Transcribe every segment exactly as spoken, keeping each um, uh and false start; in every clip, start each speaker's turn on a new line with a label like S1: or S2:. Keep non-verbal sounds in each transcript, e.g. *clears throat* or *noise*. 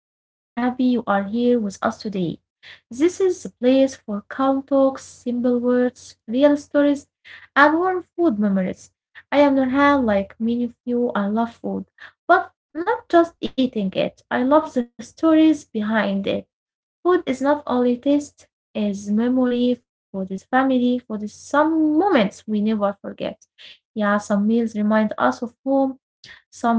S1: We are happy you are here with us today. This is the place for calm talks, simple words, real stories, and warm food memories. I am Nurhan. Like many of you, I love food, but not just eating it. I love the stories behind it. Food is not only taste, is memory for this family, for this some moments we never forget. Yeah, some meals remind us of home,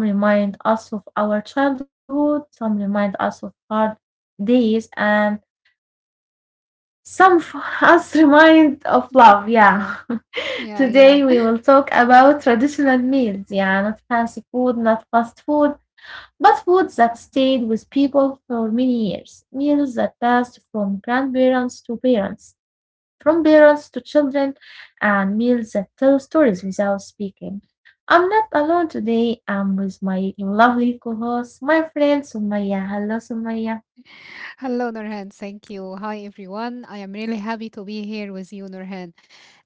S1: some remind us of our childhood, some remind us of hard days, and some of *laughs* us remind of love. Yeah.
S2: Yeah,
S1: *laughs*
S2: yeah, yeah.
S1: Today we
S2: *laughs*
S1: will talk about traditional meals. Yeah, not fancy food, not fast food, but foods that stayed with people for many years. Meals that passed from grandparents to parents, from parents to children, and meals that tell stories without speaking. I'm not alone today. I'm with my lovely co-host, my friend Sumaya. Hello, Sumaya.
S2: Hello, Nurhan. Thank you. Hi, everyone. I am really happy to be here with you, Nurhan.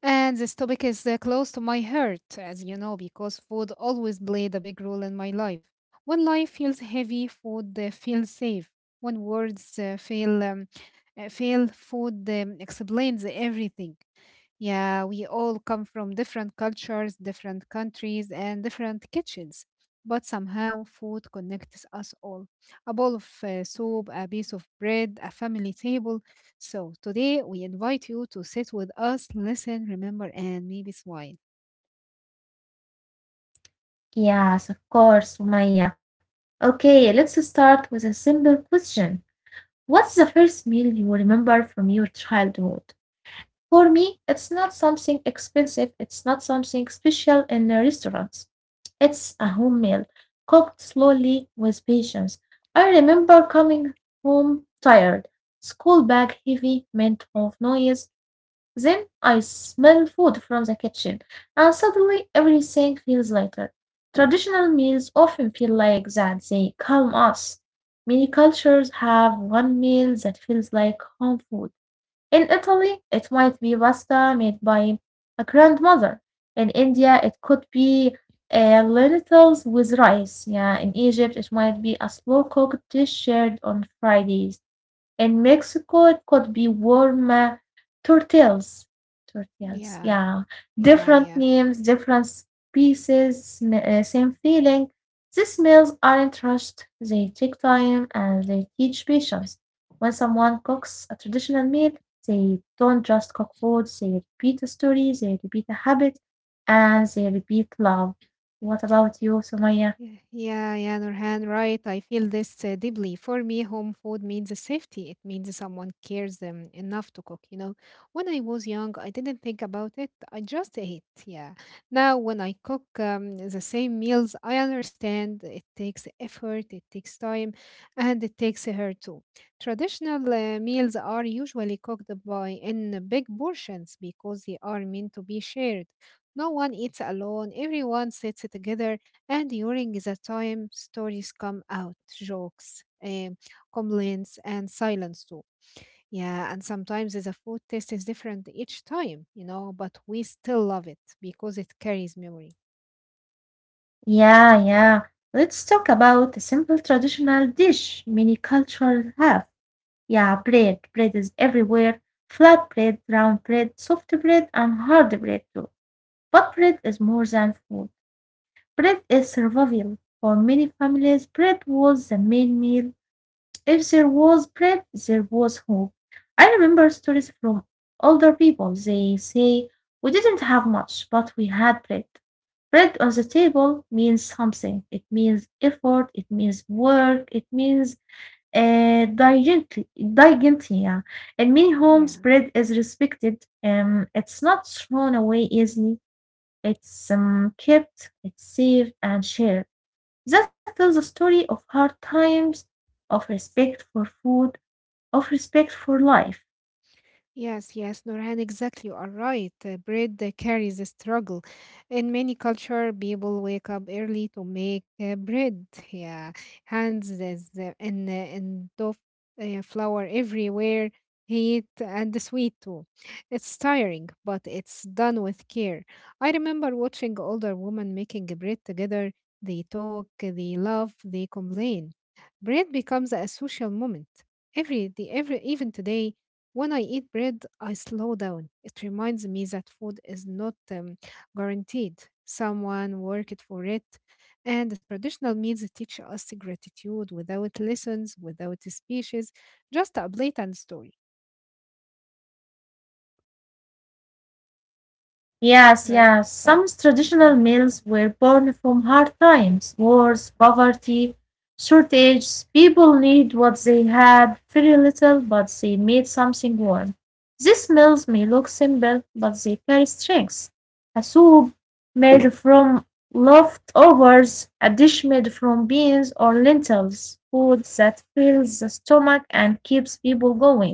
S2: And this topic is uh, close to my heart, as you know, because food always played a big role in my life. When life feels heavy, food uh, feels safe. When words uh, fail, um, uh, fail, food um, explains everything. Yeah, we all come from different cultures, different countries, and different kitchens. But somehow food connects us all. A bowl of uh, soup, a piece of bread, a family table, so today we invite you to sit with us, listen, remember, and maybe smile.
S1: Yes, of course, Sumaya. Okay, let's start with a simple question. What's the first meal you remember from your childhood? For me, it's not something expensive, it's not something special in the restaurants. It's a home meal, cooked slowly with patience. I remember coming home tired, school bag heavy, mint of noise. Then I smell food from the kitchen, and suddenly everything feels lighter. Traditional meals often feel like that, they calm us. Many cultures have one meal that feels like home food. In Italy, it might be pasta made by a grandmother. In India, it could be uh, lentils with rice. Yeah, in Egypt, it might be a slow cooked dish shared on Fridays. In Mexico, it could be warm uh, tortillas. Tortillas,
S2: Yeah.
S1: yeah.
S2: Yeah.
S1: Different
S2: Yeah.
S1: names, different pieces, sm- uh, same feeling. These meals aren't rushed, they take time and they teach patience. When someone cooks a traditional meal, they don't just cook food, they repeat a story, they repeat a habit, and they repeat love. What about you, Sumaya?
S2: Yeah, yeah, yeah, Nurhan, right. I feel this uh, deeply. For me, home food means safety. It means someone cares them enough to cook, you know. When I was young, I didn't think about it. I just ate, yeah. Now, when I cook um, the same meals, I understand it takes effort, it takes time, and it takes her too. Traditional uh, meals are usually cooked by in big portions because they are meant to be shared. No one eats alone. Everyone sits together, and during the time, stories come out, jokes, um, complaints, and silence too. Yeah, and sometimes the food taste is different each time, you know, but we still love it because it carries memory.
S1: Yeah, yeah. Let's talk about a simple traditional dish many cultures have. Yeah, bread. Bread is everywhere. Flat bread, round bread, soft bread, and hard bread too. But bread is more than food. Bread is survival. For many families, bread was the main meal. If there was bread, there was hope. I remember stories from older people. They say, "We didn't have much, but we had bread." Bread on the table means something. It means effort. It means work. It means uh, dignity. Dignity, yeah. In many homes,
S2: Yeah.
S1: bread is respected. Um, it's not thrown away easily. It's um, kept, it's saved, and shared. That tells a story of hard times, of respect for food, of respect for life.
S2: Yes, yes, Nurhan, exactly. You are right. Uh, Bread uh, carries a struggle. In many culture, people wake up early to make uh, bread. Yeah, hands is uh, and uh, and dough uh, flour everywhere, heat and sweet too. It's tiring, but it's done with care. I remember watching older women making bread together. They talk, they laugh, they complain. Bread becomes a social moment every day, every even today when I eat bread, I slow down. It reminds me that food is not um, guaranteed. Someone worked for it. And the traditional meals teach us gratitude without lessons, without speeches, just a blatant story,
S1: Yes,
S2: right?
S1: yes.
S2: Yeah.
S1: Some
S2: Yeah.
S1: traditional meals were born from hard times, wars, poverty, shortages. People need what they had, very little, but they made something warm. These meals may look simple, but they carry strengths. A soup made from leftovers, a dish made from beans or lentils, food that fills the stomach and keeps people going.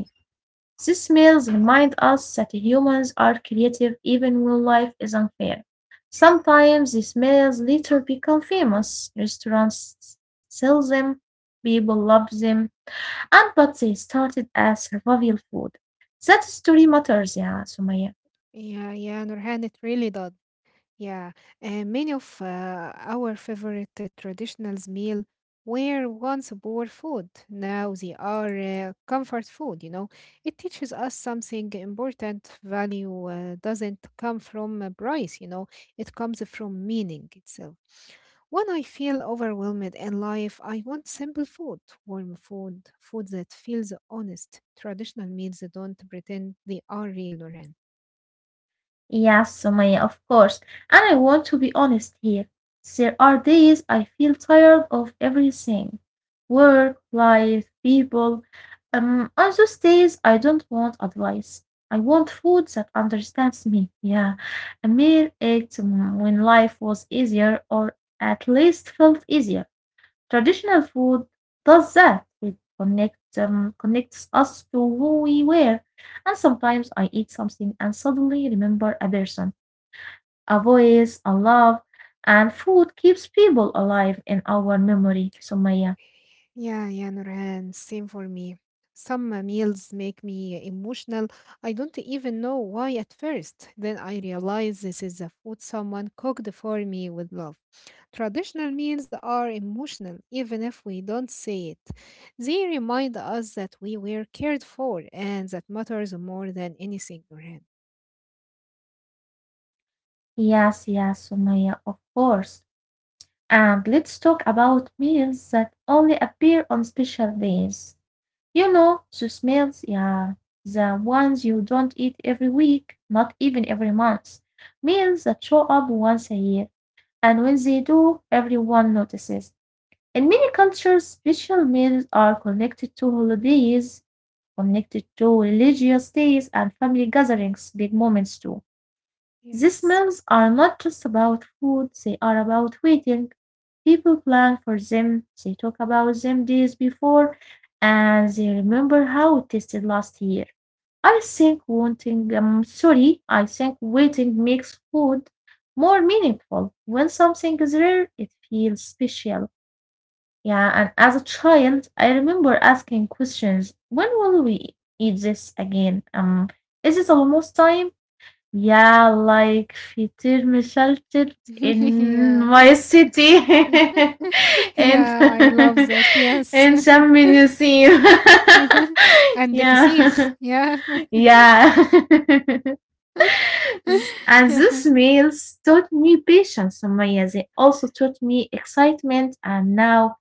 S1: These meals remind us that humans are creative even when life is unfair. Sometimes these meals later become famous. Restaurants sell them, people love them, and but they started as survival food. That story matters, yeah, Sumaya.
S2: Yeah, yeah, Nurhan, it really does. Yeah, and many of uh, our favorite uh, traditional meal were once poor food. Now they are uh, comfort food, you know. It teaches us something important. Value uh, doesn't come from a price, you know. It comes from meaning itself. When I feel overwhelmed in life, I want simple food, warm food, food that feels honest. Traditional meals don't pretend they are real, Noreen.
S1: Yes, Sumaya, of course. And I want to be honest here. There are days I feel tired of everything. Work, life, people. Um, on those days, I don't want advice. I want food that understands me. Yeah, a meal ate mm, when life was easier, or at least felt easier. Traditional food does that. It connects um, connects us to who we were. And sometimes I eat something and suddenly remember a person, a voice, a love, and food keeps people alive in our memory, Sumaya.
S2: Yeah, yeah, Nurhan, same for me. Some uh, meals make me emotional. I don't even know why at first. Then I realize this is a food someone cooked for me with love. Traditional meals are emotional, even if we don't say it. They remind us that we were cared for and that matters more than anything, Nurhan.
S1: Yes, yes, Sumaya, of course. And let's talk about meals that only appear on special days. You know, those meals, yeah, the ones you don't eat every week, not even every month. Meals that show up once a year, and when they do, everyone notices. In many cultures, special meals are connected to holidays, connected to religious days, and family gatherings, big moments too. These
S2: Yes.
S1: meals are not just about food, they are about waiting. People plan for them, they talk about them days before, and they remember how it tasted last year. I think wanting, um, sorry, I think waiting makes food more meaningful. When something is rare, it feels special. Yeah, and as a child, I remember asking questions. When will we eat this again? Um, is it almost time? Yeah, like Fitir Mishalchit
S2: *laughs*
S1: in
S2: Yeah.
S1: my city
S2: *laughs*
S1: *laughs* in
S2: Yeah, I love
S1: *laughs*
S2: that. Yes.
S1: in Sham
S2: *laughs*
S1: Yusin. *laughs*
S2: And the
S1: yeah.
S2: فسيخ.
S1: *laughs*
S2: Yeah.
S1: Yeah. *laughs* S- and these
S2: *laughs*
S1: meals taught me patience, Sumaya. They also taught me excitement, and now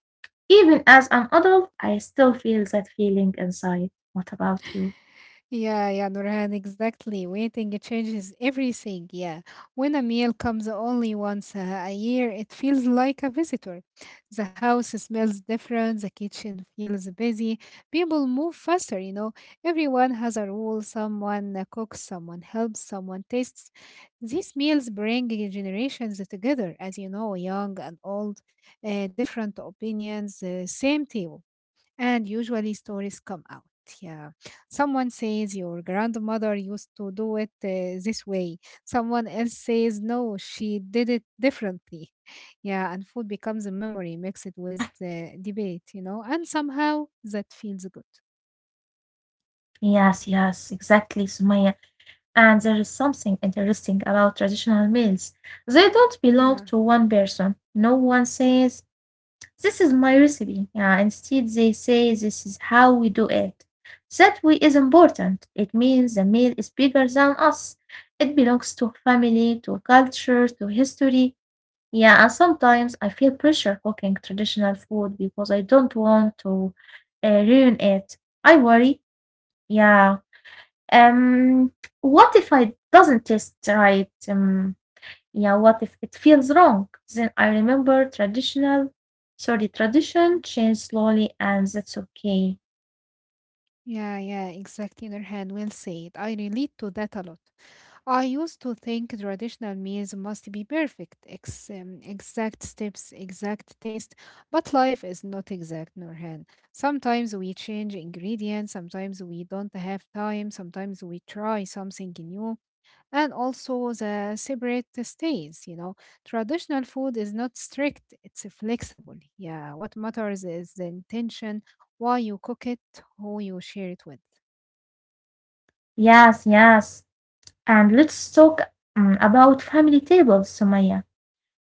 S1: even as an adult I still feel that feeling inside. What about you?
S2: Yeah, yeah, Nurhan, exactly. Waiting changes everything. Yeah. When a meal comes only once uh, a year, it feels like a visitor. The house smells different, the kitchen feels busy, people move faster, you know. Everyone has a role. Someone uh, cooks, someone helps, someone tastes. These meals bring generations together, as you know, young and old, uh, different opinions, uh, same table. And usually stories come out. Yeah. Someone says your grandmother used to do it uh, this way. Someone else says no, she did it differently. *laughs* Yeah. And food becomes a memory mixed with the debate, you know, and somehow that feels good.
S1: Yes, yes, exactly, Sumaya. And there is something interesting about traditional meals. They don't belong
S2: Yeah.
S1: to one person. No one says, "This is my recipe." Yeah, instead, they say, "This is how we do it." That way is important. It means the meal is bigger than us. It belongs to family, to culture, to history. Yeah, and sometimes I feel pressure cooking traditional food because I don't want to uh, ruin it. I worry, yeah, um, what if I doesn't taste right? Um, yeah, what if it feels wrong? Then I remember traditional, sorry, tradition change slowly, and that's okay.
S2: Yeah, yeah, exactly, Nurhan. Well said. I relate to that a lot. I used to think traditional meals must be perfect, ex um, exact steps, exact taste, but life is not exact, Nurhan. Sometimes we change ingredients, sometimes we don't have time, sometimes we try something new, and also the separate stays. You know traditional food is not strict, it's flexible. Yeah, what matters is the intention, why you cook it, who you share it with.
S1: Yes, yes. And let's talk um, about family tables, Sumaya.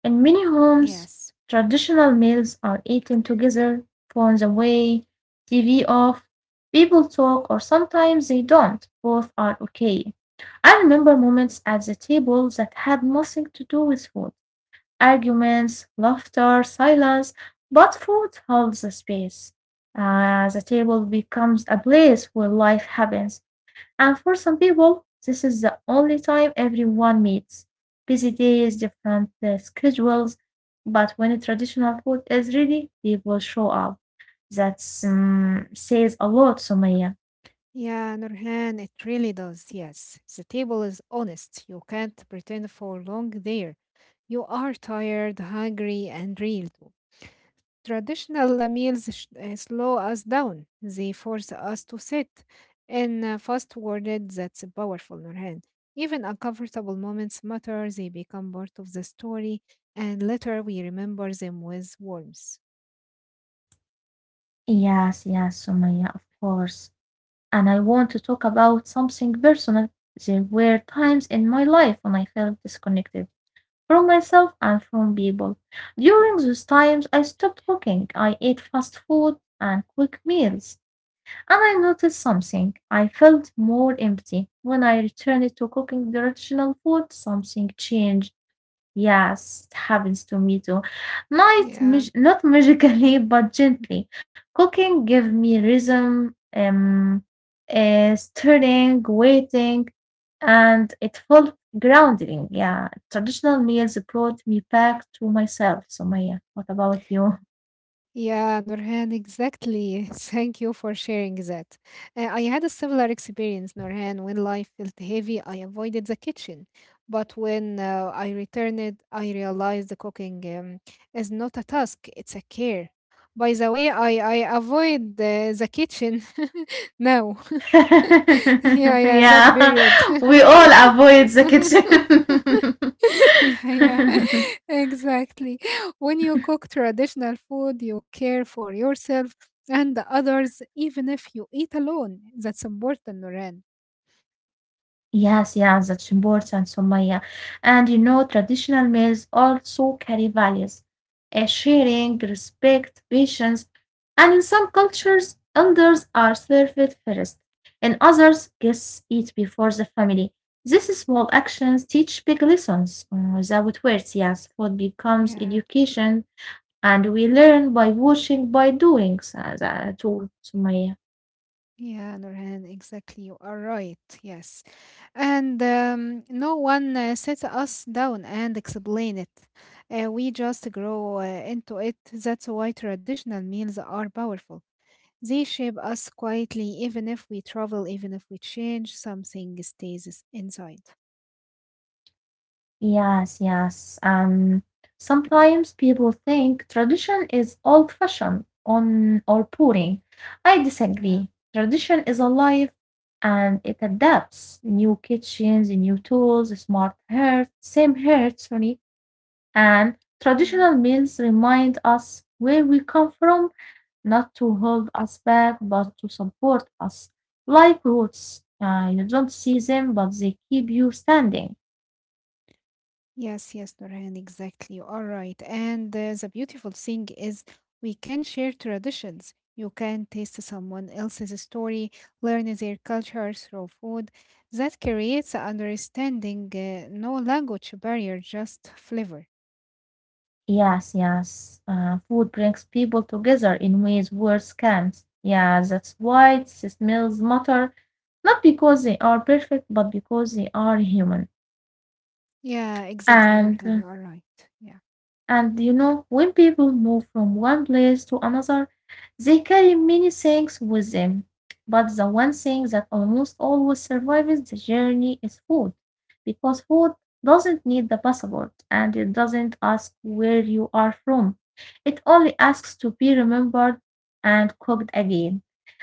S1: In many homes,
S2: Yes.
S1: traditional meals are eaten together, phones away, T V off. People talk, or sometimes they don't. Both are okay. I remember moments at the table that had nothing to do with food: arguments, laughter, silence, but food holds the space. Uh, the table becomes a place where life happens. And for some people, this is the only time everyone meets. Busy days, different uh, schedules, but when traditional food is ready, people show up. That um, says a lot, Sumaya.
S2: Yeah, Nurhan, it really does. Yes, the table is honest, you can't pretend for long there. You are tired, hungry, and real too. Traditional meals sh- uh, slow us down. They force us to sit. In a fast worded, that's powerful, Nurhan. Even uncomfortable moments matter. They become part of the story, and later we remember them with warmth.
S1: Yes, yes, Sumaya, of course. And I want to talk about something personal. There were times in my life when I felt disconnected from myself and from people. During those times, I stopped cooking. I ate fast food and quick meals. And I noticed something. I felt more empty. When I returned to cooking the traditional food, something changed. Yes, it happens to me too. Not
S2: Yeah.
S1: mag- not magically, *laughs* but gently. Cooking give me rhythm, um, uh, stirring, waiting, and it felt grounding. Yeah, traditional meals brought me back to myself. So Maya, what about you?
S2: Yeah, Nurhan, exactly. *laughs* Thank you for sharing that. Uh, I had a similar experience, Nurhan. When life felt heavy, I avoided the kitchen. But when uh, I returned, I realized the cooking um, is not a task, it's a care. By the way, I, I avoid uh, the kitchen *laughs* now.
S1: *laughs*
S2: *laughs* Yeah, yeah, that
S1: yeah,
S2: period.
S1: we all avoid the
S2: *laughs* *laughs* Yeah, yeah,
S1: kitchen. *laughs*
S2: *laughs* exactly. When you cook traditional food, you care for yourself and the others, even if you eat alone. That's important, Noran.
S1: Yes, yeah, that's important, Sumaya. And you know, traditional meals also carry values, uh, sharing, respect, patience, and in some cultures, elders are served first. In others, guests eat before the family. These small actions teach big lessons. Uh, Without words, yes, food becomes
S2: Yeah,
S1: education, and we learn by watching, by doing, uh, too, Sumaya.
S2: yeah, Noran, exactly. You are right. Yes. And um, no one uh, sits us down and explain it. Uh, we just grow uh, into it. That's why traditional meals are powerful. They shape us quietly, even if we travel, even if we change, something stays is- inside.
S1: Yes, yes. Um, sometimes people think tradition is old-fashioned on or boring. I disagree.
S2: Yeah,
S1: Tradition is alive and it adapts. New kitchens, new tools, smart hearth, same hearth, sorry, and
S2: yeah.
S1: traditional meals remind us where we come from, not to hold us back, but to support us. Like roots, uh, you don't see them, but they keep you standing.
S2: Yes, yes, Nurhan, exactly. You are right. And uh, the beautiful thing is we can share traditions. You can taste someone else's story, learn their culture through food. That creates a understanding, uh, no language barrier, just flavor.
S1: Yes, yes. Uh, food brings people together in ways words can't. Yeah, that's why it smells matter, not because they are perfect, but because they are human.
S2: Yeah, exactly,
S1: And
S2: Nurhan.
S1: uh,
S2: You are right. Yeah.
S1: and you know, when people move from one place to another, they carry many things with them. But the one thing that almost always survives the journey is food, because food doesn't need the passport and it doesn't ask where you are from. It only asks to be remembered and cooked again.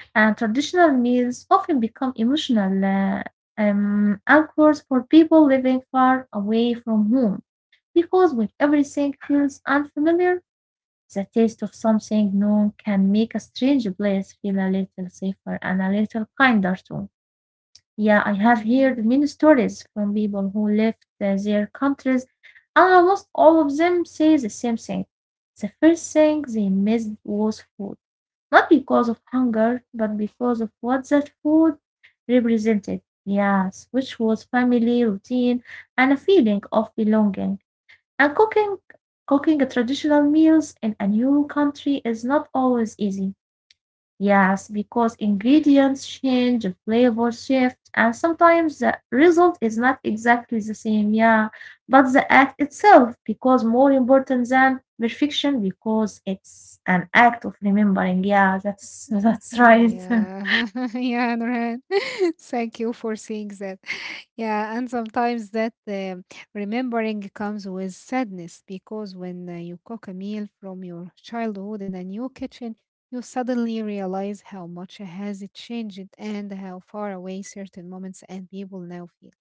S1: And traditional meals often become emotional uh, um, anchors for people living far away from home because when everything feels unfamiliar, the taste of something new can make a strange place feel a little safer and a little kinder too. Yeah, I have heard
S2: Yeah.
S1: many stories from people who left uh, their countries, and almost all of them say the same thing. The first thing they missed was food, not because of hunger, but because of what that food represented. Yes, which was family, routine, and a feeling of belonging. And cooking cooking traditional meals in a new country is not always easy. Yes, because ingredients change, flavors shift, and sometimes the result is not exactly the same, yeah. But the act itself becomes more important than perfection because it's an act of remembering. Yeah, that's *laughs*
S2: *laughs*
S1: that's right. *laughs*
S2: Yeah, *laughs* yeah, Nurhan. *laughs* Thank you for saying that. *laughs* Yeah, and sometimes that um remembering comes with sadness because when uh, you cook a meal from your childhood in a new kitchen, you suddenly realize how much has it changed and how far away certain moments and people now feel.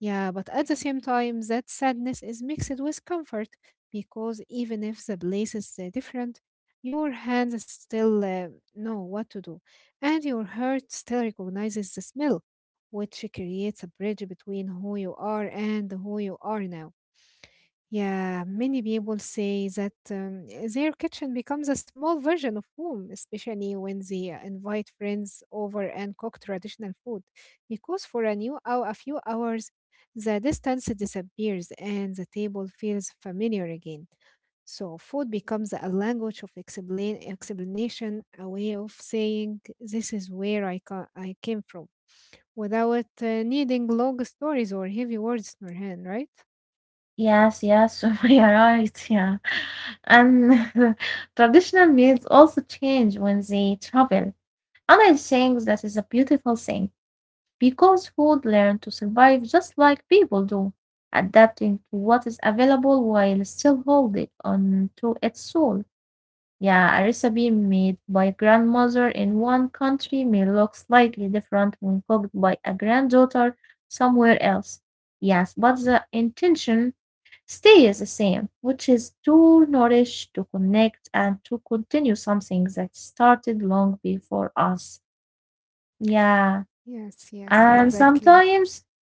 S2: Yeah, but at the same time, that sadness is mixed with comfort because even if the place is uh, different, your hands still uh, know what to do, and your heart still recognizes the smell, which creates a bridge between who you are and who you are now. Yeah, many people say that um, their kitchen becomes a small version of home, especially when they uh, invite friends over and cook traditional food. Because for a new hour, a few hours, the distance disappears and the table feels familiar again. So food becomes a language of explain explanation, a way of saying, "This is where I ca- I came from," without uh, needing long stories or heavy words, in her hand, right?
S1: yes, yes, *laughs* you're right, yeah.
S2: Mm.
S1: And *laughs* traditional meals also change when they travel. And I think that is a beautiful thing because food learn to survive just like people do, adapting to what is available while still holding on to its soul. Yeah, a recipe made by grandmother in one country may look slightly different when cooked by a granddaughter somewhere else. Yes, but the intention stay is the same, which is to nourish, to connect, and to continue something that started long before us. Yeah.
S2: Yes, yes,
S1: And
S2: exactly.
S1: sometimes,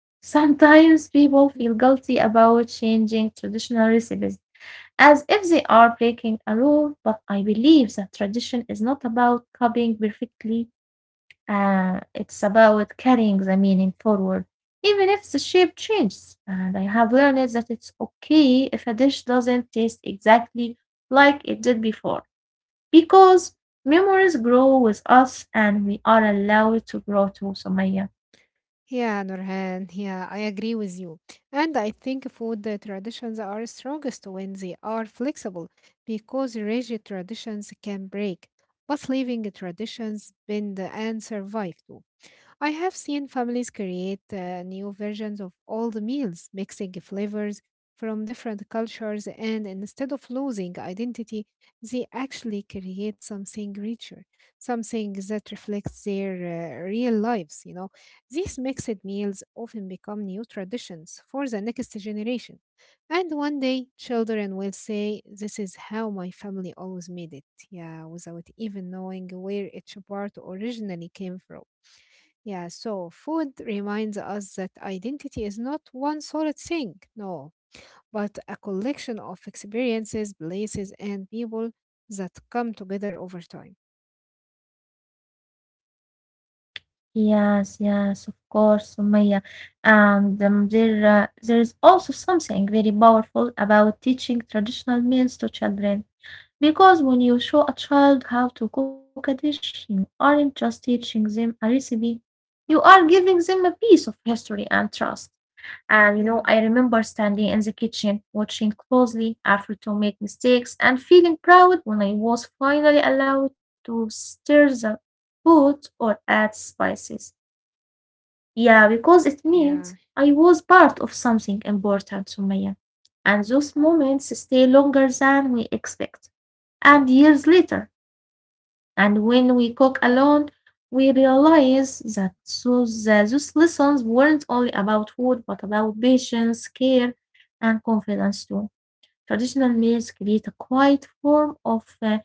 S1: sometimes people feel guilty about changing traditional recipes as if they are breaking a rule, but I believe that tradition is not about copying perfectly. Uh, it's about carrying the meaning forward, even if the shape changes. And I have learned that it's okay if a dish doesn't taste exactly like it did before, because memories grow with us and we are allowed to grow too, Sumaya.
S2: Yeah, Nurhan. Yeah, I agree with you. And I think food uh, traditions are strongest when they are flexible because rigid traditions can break, but living traditions bend and survive too. I have seen families create uh, new versions of old meals, mixing flavors from different cultures, and instead of losing identity, they actually create something richer, something that reflects their uh, real lives. You know, these mixed meals often become new traditions for the next generation, and one day children will say, "This is how my family always made it." Yeah, without even knowing where each part originally came from. Yeah, so food reminds us that identity is not one solid thing, no, but a collection of experiences, places, and people that come together over time.
S1: Yes, yes, of course, Sumaya. And um, there, uh, there is also something very powerful about teaching traditional meals to children. Because when you show a child how to cook a dish, you aren't just teaching them a recipe, you are giving them a piece of history and trust. And you
S2: Yeah,
S1: know, I remember standing in the kitchen, watching closely, afraid to make mistakes, and feeling proud when I was finally allowed to stir the food or add spices. Yeah, because it
S2: y-
S1: means
S2: yeah,
S1: I was part of something important, Sumaya. And those moments stay longer than we expect. And years later, and when we cook alone, we realize that those, uh, those lessons weren't only about food, but about patience, care, and confidence too. Traditional meals create a quiet form of uh,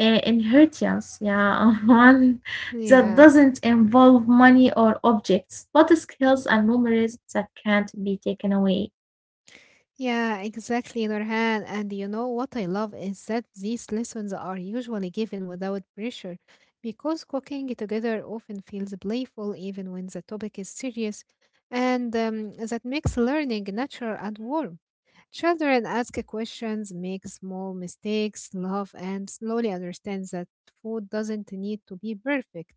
S1: uh, inheritance, yeah, *laughs* one that
S2: yeah,
S1: doesn't involve money or objects, but skills and memories that can't be taken away.
S2: yeah, exactly, Nurhan. And you know what I love is that these lessons are usually given without pressure because cooking together often feels playful, even when the topic is serious, and um, that makes learning natural and warm. Children ask questions, make small mistakes, laugh, and slowly understand that food doesn't need to be perfect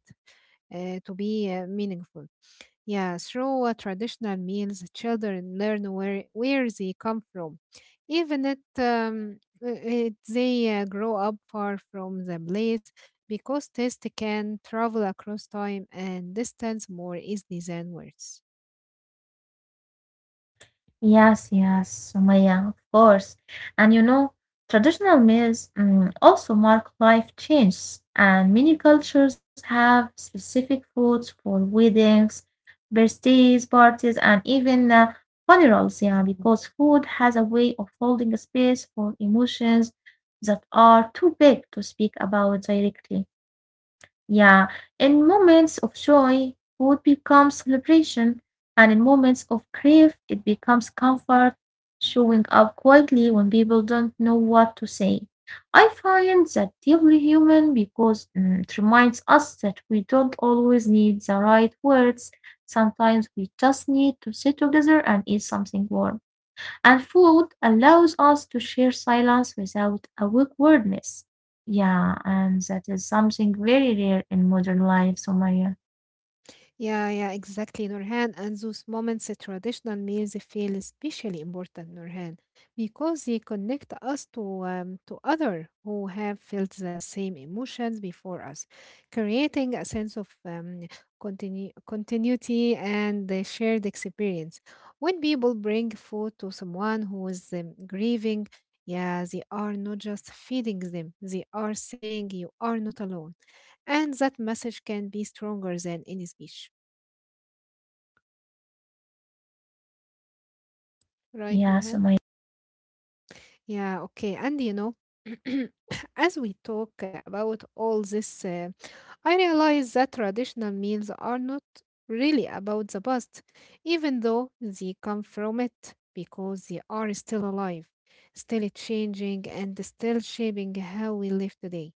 S2: uh, to be uh, meaningful. Yeah, through uh, traditional meals, children learn where, where they come from, even if um, uh, it, they uh, grow up far from the place, because taste can travel across time and distance more easily than words.
S1: Yes, yes, Sumaya, of course. And you know, traditional meals mm, also mark life changes, and many cultures have specific foods for weddings, birthdays, parties, and even uh, funerals. Yeah, because food has a way of holding a space for emotions that are too big to speak about directly. Yeah, in moments of joy, food becomes celebration, and in moments of grief, it becomes comfort, showing up quietly when people don't know what to say. I find that deeply human because mm, it reminds us that we don't always need the right words. Sometimes we just need to sit together and eat something warm. And food allows us to share silence without awkwardness. Yeah, and that is something very rare in modern life, Somaya.
S2: Yeah, yeah, exactly, Nurhan. And those moments, uh, traditional meals feel especially important, Nurhan, because they connect us to um, to other who have felt the same emotions before us, creating a sense of um, continu- continuity and the shared experience. When people bring food to someone who is um, grieving, yeah, they are not just feeding them; they are saying, "You are not alone." And that message can be stronger than any speech. Right,
S1: Yeah,
S2: Nurhan?
S1: Somaya.
S2: Yeah, okay. And you know, *clears throat* as we talk uh, about all this, uh, I realize that traditional meals are not really about the past, even though they come from it, because they are still alive, still changing, and still shaping how we live today.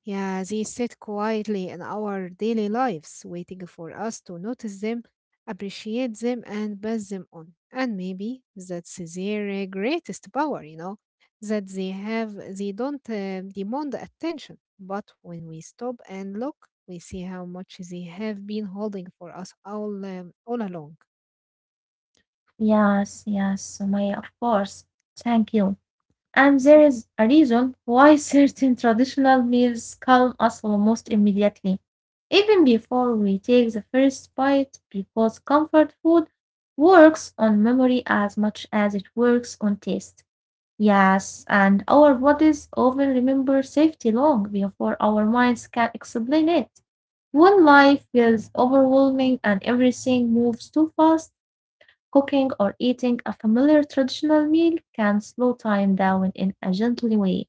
S2: Yeah, they sit quietly in our daily lives, waiting for us to notice them, appreciate them, and pass them on. And maybe that's their uh, greatest power, you know, that they have, they don't uh, demand attention. But when we stop and look, we see how much they have been holding for us all, um, all along.
S1: Yes, yes, Somaya, of course. Thank you. And there is a reason why *laughs* certain traditional meals calm us almost immediately, even before we take the first bite, because comfort food works on memory as much as it works on taste. Yes, and our bodies often remember safety long before our minds can explain it. When life feels overwhelming and everything moves too fast, cooking or eating a familiar traditional meal can slow time down in a gentle way.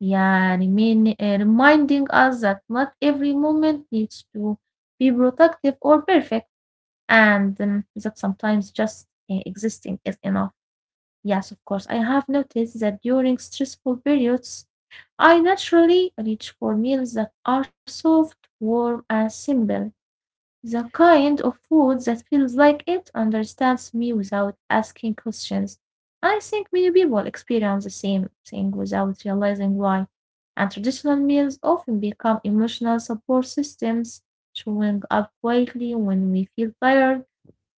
S1: Yeah, and I mean, uh, reminding us that not every moment needs to be productive or perfect, and um, that sometimes just uh, existing is enough. Yes, of course. I have noticed that during stressful periods, I naturally reach for meals that are soft, warm, and simple. The kind of food that feels like it understands me without asking questions. I think many people experience the same thing without realizing why. And traditional meals often become emotional support systems, showing up quietly when we feel tired,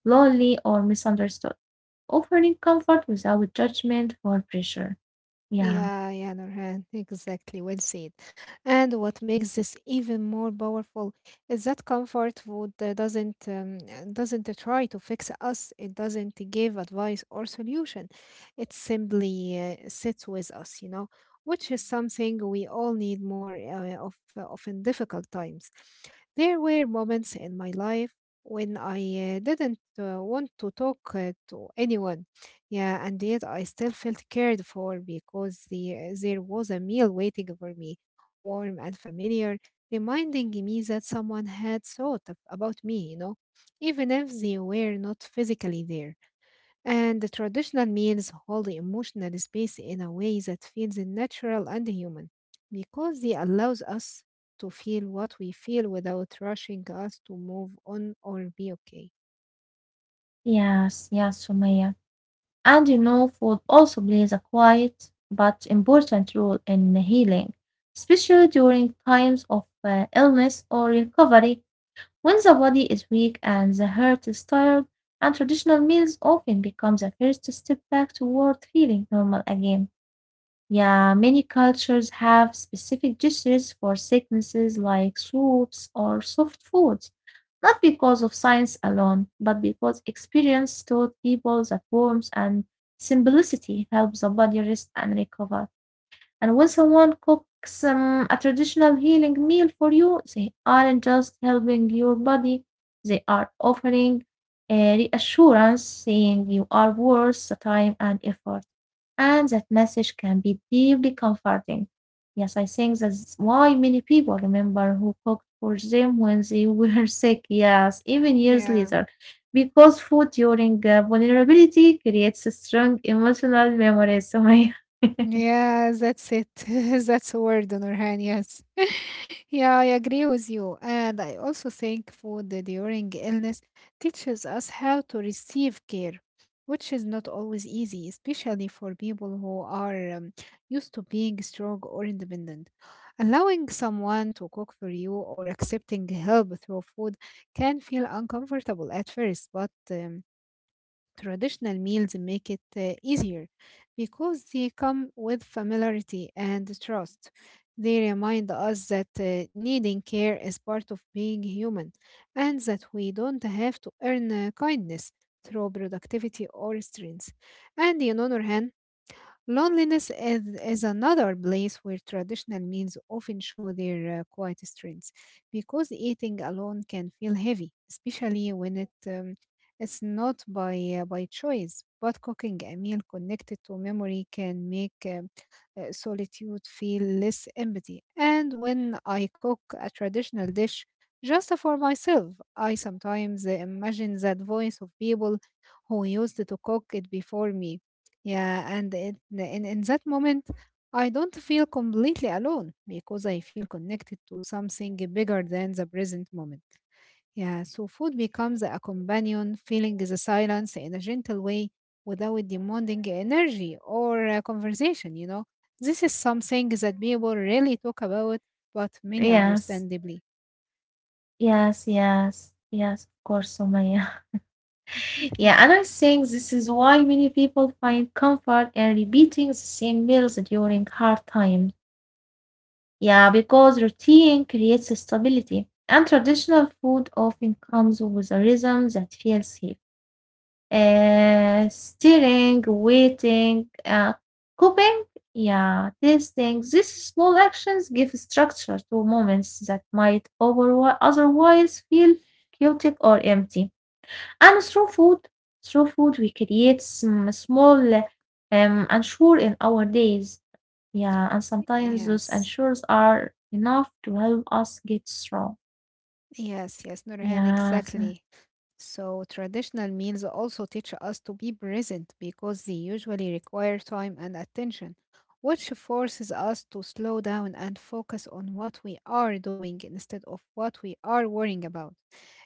S1: lonely, or misunderstood, offering comfort without judgment or pressure. Yeah.
S2: Yeah, yeah, Nurhan, *laughs* exactly. Well said. And what makes this even more powerful is that comfort food uh, doesn't um, uh, doesn't try to fix us. It doesn't give advice or solution. It simply uh, sits with us, you know, which is something we all need more uh, of uh, of in difficult times. There were moments in my life when I uh, didn't uh, want to talk uh, to anyone, yeah, and yet I still felt cared for because the, there was a meal waiting for me, warm and familiar, reminding me that someone had thought ab- about me, you know, even if they were not physically there. And the traditional meals hold emotional space in a way that feels natural and human, because they allows us to feel what we feel without rushing us to move on or be okay.
S1: Yes, yes, Sumaya. And you know, food also plays a quiet but important role in healing, especially during times of uh, illness or recovery. When the body is weak and the heart is tired, and traditional meals often becomes a first step back toward feeling normal again. Yeah, many cultures have specific dishes for sicknesses like soups or soft foods, not because of science alone, but because experience taught people that warmth and simplicity helps the body rest and recover. And when someone cooks um, a traditional healing meal for you, they aren't just helping your body, they are offering a reassurance saying you are worth the time and effort, and that message can be deeply comforting. Yes, I think that's why many people remember who cooked for them when they were *laughs* sick, yes, even years later,
S2: Yeah.
S1: because food during uh, vulnerability creates a strong emotional memories, Sumaya. *laughs*
S2: Yeah, that's it. *laughs* That's a word, Nurhan. Yes. *laughs* Yeah, I agree with you. And I also think food during illness teaches us how to receive care, which is not always easy, especially for people who are um, used to being strong or independent. Allowing someone to cook for you or accepting help through food can feel uncomfortable at first, but um, traditional meals make it uh, easier because they come with familiarity and trust. They remind us that uh, needing care is part of being human and that we don't have to earn uh, kindness through productivity or strength. And on other hand, Loneliness is, is another place where traditional meals often show their uh, quiet strengths because eating alone can feel heavy, especially when it um, it's not by uh, by choice. But cooking a meal connected to memory can make um, uh, solitude feel less empty. And when I cook a traditional dish just for myself, I sometimes uh, imagine that voice of people who used to cook it before me, yeah, and it, in, in that moment, I don't feel completely alone because I feel connected to something bigger than the present moment. Yeah, so food becomes a companion, filling the silence in a gentle way without demanding energy or uh, conversation, you know. This is something that people really talk about, but many
S1: Yes,
S2: understandably.
S1: yes, yes, yes, of course, Sumaya. *laughs* Yeah, and
S2: Yeah,
S1: I think this is why many people find comfort in repeating the same meals during hard times. Yeah, because routine creates stability, and traditional food often comes with a rhythm that feels safe. Uh, stirring, waiting, uh, cooking, yeah, tasting. These small actions give structure to moments that might overwi- otherwise feel chaotic or empty. And through food, through food, we create some small, um, unsure in our days. Yeah, and sometimes those
S2: yes,
S1: ensures are enough to help us get through.
S2: yes, yes, Nurhan,
S1: Yes,
S2: exactly. So, traditional meals also teach us to be present because they usually require time and attention, which forces us to slow down and focus on what we are doing instead of what we are worrying about.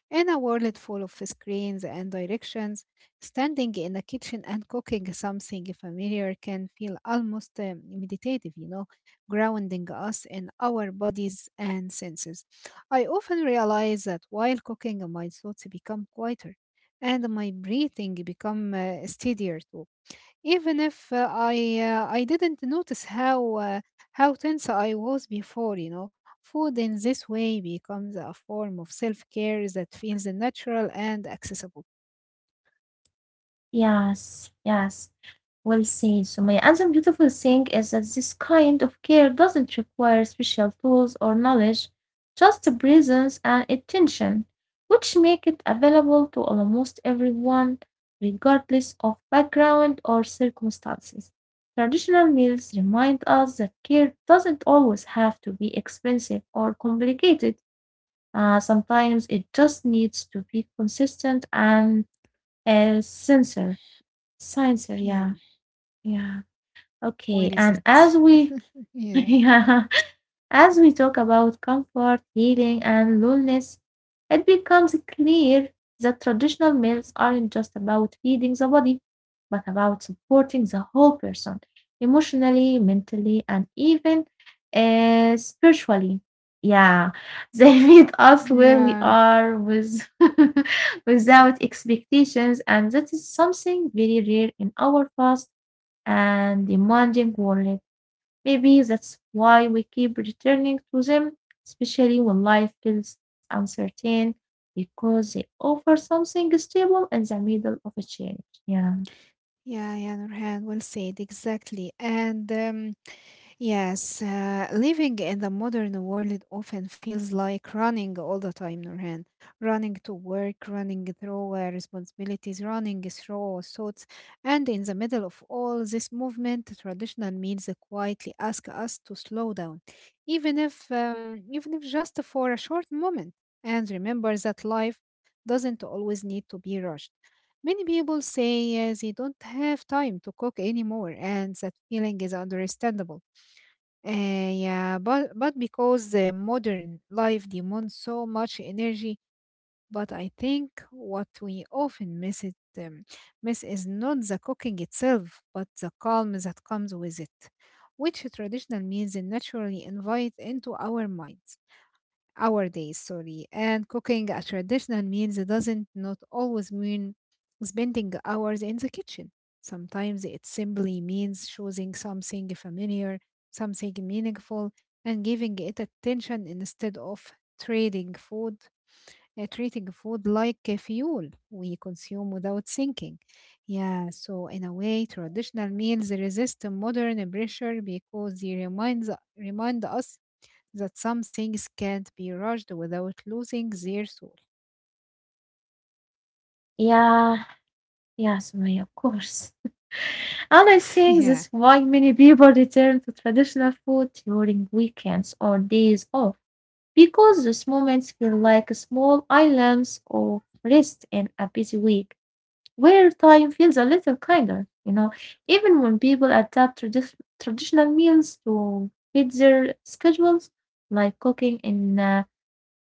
S2: In a world full of screens and directions, standing in a kitchen and cooking something familiar can feel almost um, meditative, you know, grounding us in our bodies and senses. I often realize that while cooking, my thoughts become quieter and my breathing become uh, steadier too, even if uh, I uh, I didn't notice how uh, how tense I was before, you know, food in this way becomes a form of self-care that feels natural and accessible.
S1: yes, yes. Well said, Sumaya. And the beautiful thing is that this kind of care doesn't require special tools or knowledge, just the presence and attention, which make it available to almost everyone, regardless of background or circumstances. Traditional meals remind us that care doesn't always have to be expensive or complicated. Uh, sometimes it just needs to be consistent and a sensor. Sensor,
S2: Yeah,
S1: yeah, yeah. Okay,
S2: where is
S1: and
S2: it?
S1: as we,
S2: *laughs*
S1: *laughs*
S2: Yeah,
S1: yeah, as we talk about comfort, healing, and loneliness, it becomes clear that traditional meals aren't just about feeding the body, but about supporting the whole person emotionally, mentally, and even uh, spiritually. Yeah, *laughs* they meet us where we
S2: yeah.
S1: are with *laughs* without expectations, and that is something very rare in our fast and demanding world. Maybe that's why we keep returning to them, especially when life feels uncertain, because they offer something stable in the middle of a change. Yeah,
S2: Yeah, yeah, Nurhan, well said, exactly. And um, yes, uh, living in the modern world often feels like running all the time, Nurhan. Running to work, running through uh, responsibilities, running through thoughts. And in the middle of all this movement, traditional means quietly ask us to slow down, even if, um, even if just for a short moment. And remember that life doesn't always need to be rushed. Many people say uh, they don't have time to cook anymore, and that feeling is understandable, uh, yeah, but but because uh, modern life demands so much energy, but I think what we often miss it um, miss is not the cooking itself, but the calm that comes with it, which traditional meals naturally invite into our minds, our days, sorry. And cooking a traditional means doesn't not always mean spending hours in the kitchen. Sometimes it simply means choosing something familiar, something meaningful, and giving it attention instead of trading food, uh, treating food like a fuel we consume without thinking. Yeah, so in a way, traditional meals resist modern pressure because they reminds, remind us that some things can't be rushed without losing their soul.
S1: yeah, yeah, Sumaya, of course. And I think
S2: *laughs*
S1: that's
S2: Yeah,
S1: why many people return to traditional food during weekends or days off, because those moments feel like small islands of rest in a busy week, where time feels a little kinder, you know, even when people adapt tradi- traditional meals to fit their schedules, like cooking in uh,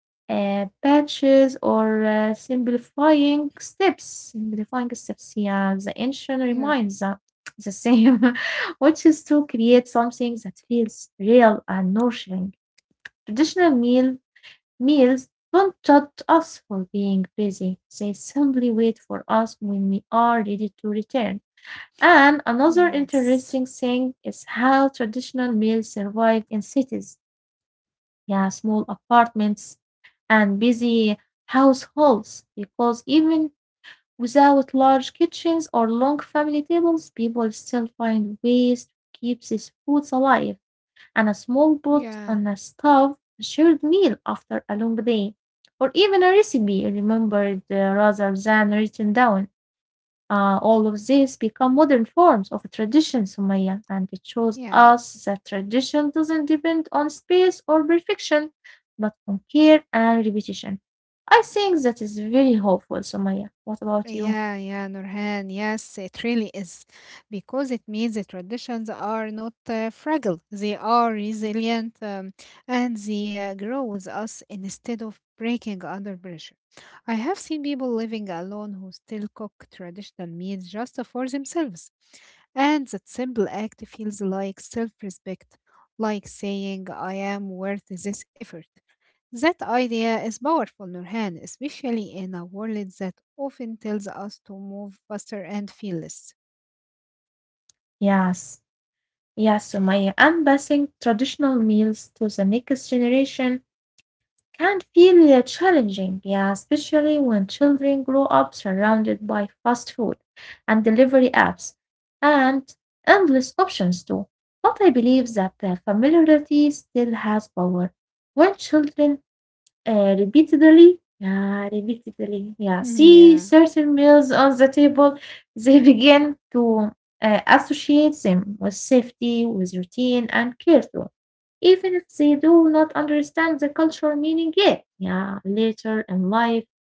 S1: uh, batches or uh, simplifying steps. Simplifying steps, yeah, the ancient reminds
S2: yeah,
S1: uh, the same, *laughs* which is to create something that feels real and nourishing. Traditional meal Meals don't judge us for being busy, they simply wait for us when we are ready to return. And another
S2: yes,
S1: interesting thing is how traditional meals survive in cities, yeah, small apartments and busy households, because even without large kitchens or long family tables, people still find ways to keep these foods alive, and a small boat
S2: yeah,
S1: on a stove, a shared meal after a long day, or even a recipe remembered uh, rather than written down. Uh, all of these become modern forms of tradition, Sumaya, and it shows
S2: yeah.
S1: us that tradition doesn't depend on space or perfection, but on care and repetition. I think that is very hopeful, Sumaya. What about you?
S2: Yeah, yeah, Nurhan. Yes, it really is. Because it means the traditions are not uh, fragile, they are resilient, um, and they uh, grow with us instead of breaking under pressure. I have seen people living alone who still cook traditional meals just for themselves. And that simple act feels like self respect, like saying, I am worth this effort. That idea is powerful, Nurhan, especially in a world that often tells us to move faster and feel less.
S1: Yes, yes, Sumaya. I passing traditional meals to the next generation can feel uh, challenging, yeah, especially when children grow up surrounded by fast food and delivery apps and endless options too. But I believe that the familiarity still has power. When children uh, repeatedly. Yeah, repeatedly. Yeah,
S2: Mhm.
S1: see
S2: Yeah,
S1: certain meals on the table, they begin to uh, associate them with safety, with routine, and care too. Even if they do not understand the cultural meaning yet, yeah, later in life,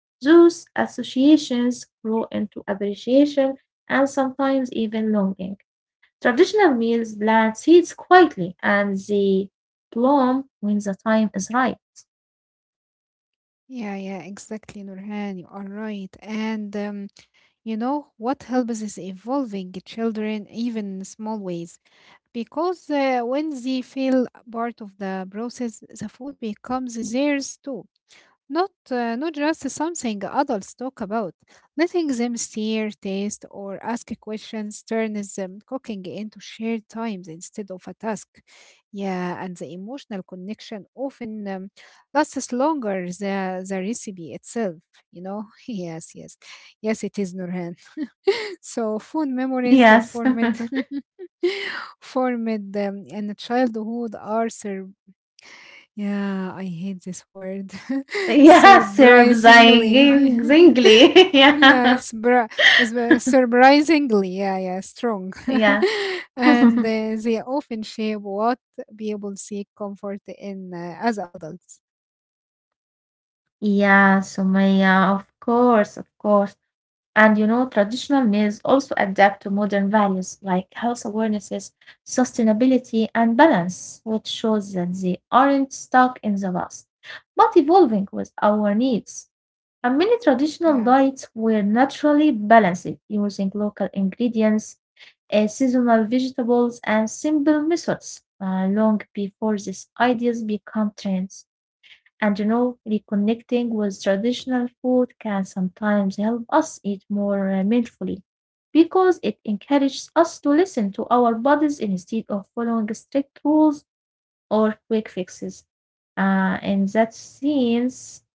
S1: those associations grow into appreciation and sometimes even longing. Traditional meals plant seeds quietly and they bloom when the time is right.
S2: yeah, yeah, exactly, Nurhan. You are right. And um, you know what helps is evolving children, even in small ways, because uh, when they feel part of the process, the food becomes theirs too. Not, uh, not just something adults talk about. Letting them steer, taste, or ask questions turns them cooking into shared times instead of a task. Yeah, and the emotional connection often um, lasts longer than the recipe itself, you know? *laughs* Yes, yes. Yes, it is, Nurhan. *laughs* So, food memories uh,
S1: Yes.
S2: formed, *laughs* formed um, in childhood are survived, yeah, I hate this word.
S1: *laughs*
S2: *laughs*
S1: Yes, Serbs. I
S2: Surprisingly.
S1: exactly. *laughs*
S2: *laughs* Yeah,
S1: Yeah.
S2: surpri- surpri- surprisingly. Yeah, yeah, strong.
S1: Yes.
S2: *laughs* And
S1: *laughs*
S2: uh, they often shape what people seek comfort in uh, as adults.
S1: Yeah, Sumaya, of course, of course. And you know, traditional meals also adapt to modern values like health awarenesses, sustainability, and balance, which shows that they aren't stuck in the past, but evolving with our needs. And many traditional
S2: Yeah,
S1: diets were naturally balanced using local ingredients, uh, seasonal vegetables, and simple methods uh, long before these ideas become trends. And you know, reconnecting with traditional food can sometimes help us eat more uh, mindfully because it encourages us to listen to our bodies instead of following strict rules or quick fixes. Uh, in that sense,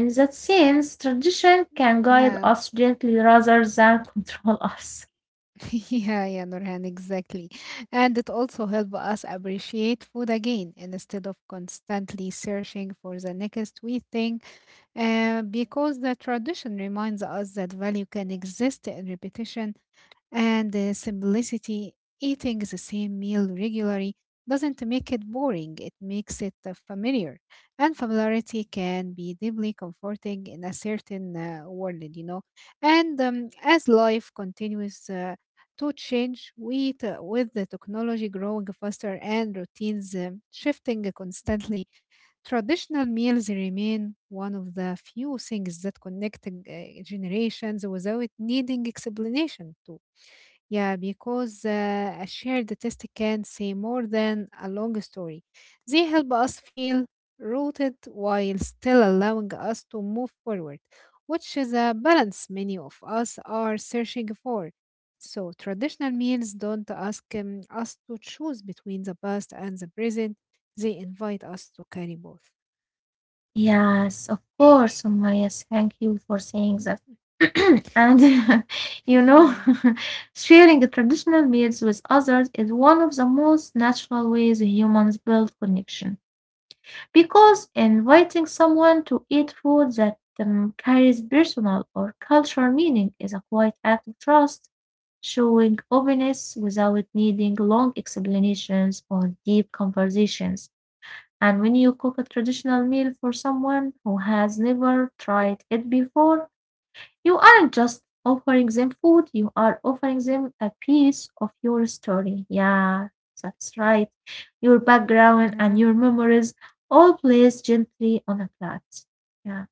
S1: in that sense, tradition can guide
S2: yeah,
S1: us gently rather than *laughs* control us.
S2: *laughs* yeah, yeah, Nurhan, exactly. And it also helps us appreciate food again instead of constantly searching for the next we think. Uh, because the tradition reminds us that value can exist in repetition and uh, simplicity. Eating the same meal regularly doesn't make it boring, it makes it uh, familiar. And familiarity can be deeply comforting in a certain uh, world, you know. And um, as life continues uh, to change, with, uh, with the technology growing faster and routines um shifting constantly, traditional meals remain one of the few things that connect uh, generations without needing explanation too. Yeah, because uh, a shared taste can say more than a long story. They help us feel rooted while still allowing us to move forward, which is a balance many of us are searching for. So, traditional meals don't ask um, us to choose between the past and the present, they invite us to carry both.
S1: Yes, of course, Sumaya. Thank you for saying that.
S2: *laughs*
S1: *clears throat* And *laughs* you know,
S2: Yeah.
S1: *laughs* sharing traditional meals with others is one of the most natural ways humans build connection. Because inviting someone to eat food that um, carries personal or cultural meaning is a quiet act of trust, showing openness without needing long explanations or deep conversations. And when you cook a traditional meal for someone who has never tried it before, you aren't just offering them food, you are offering them a piece of your story. Yeah, that's right. Your background and
S2: Yeah.
S1: your memories all placed gently on a plate. Yeah.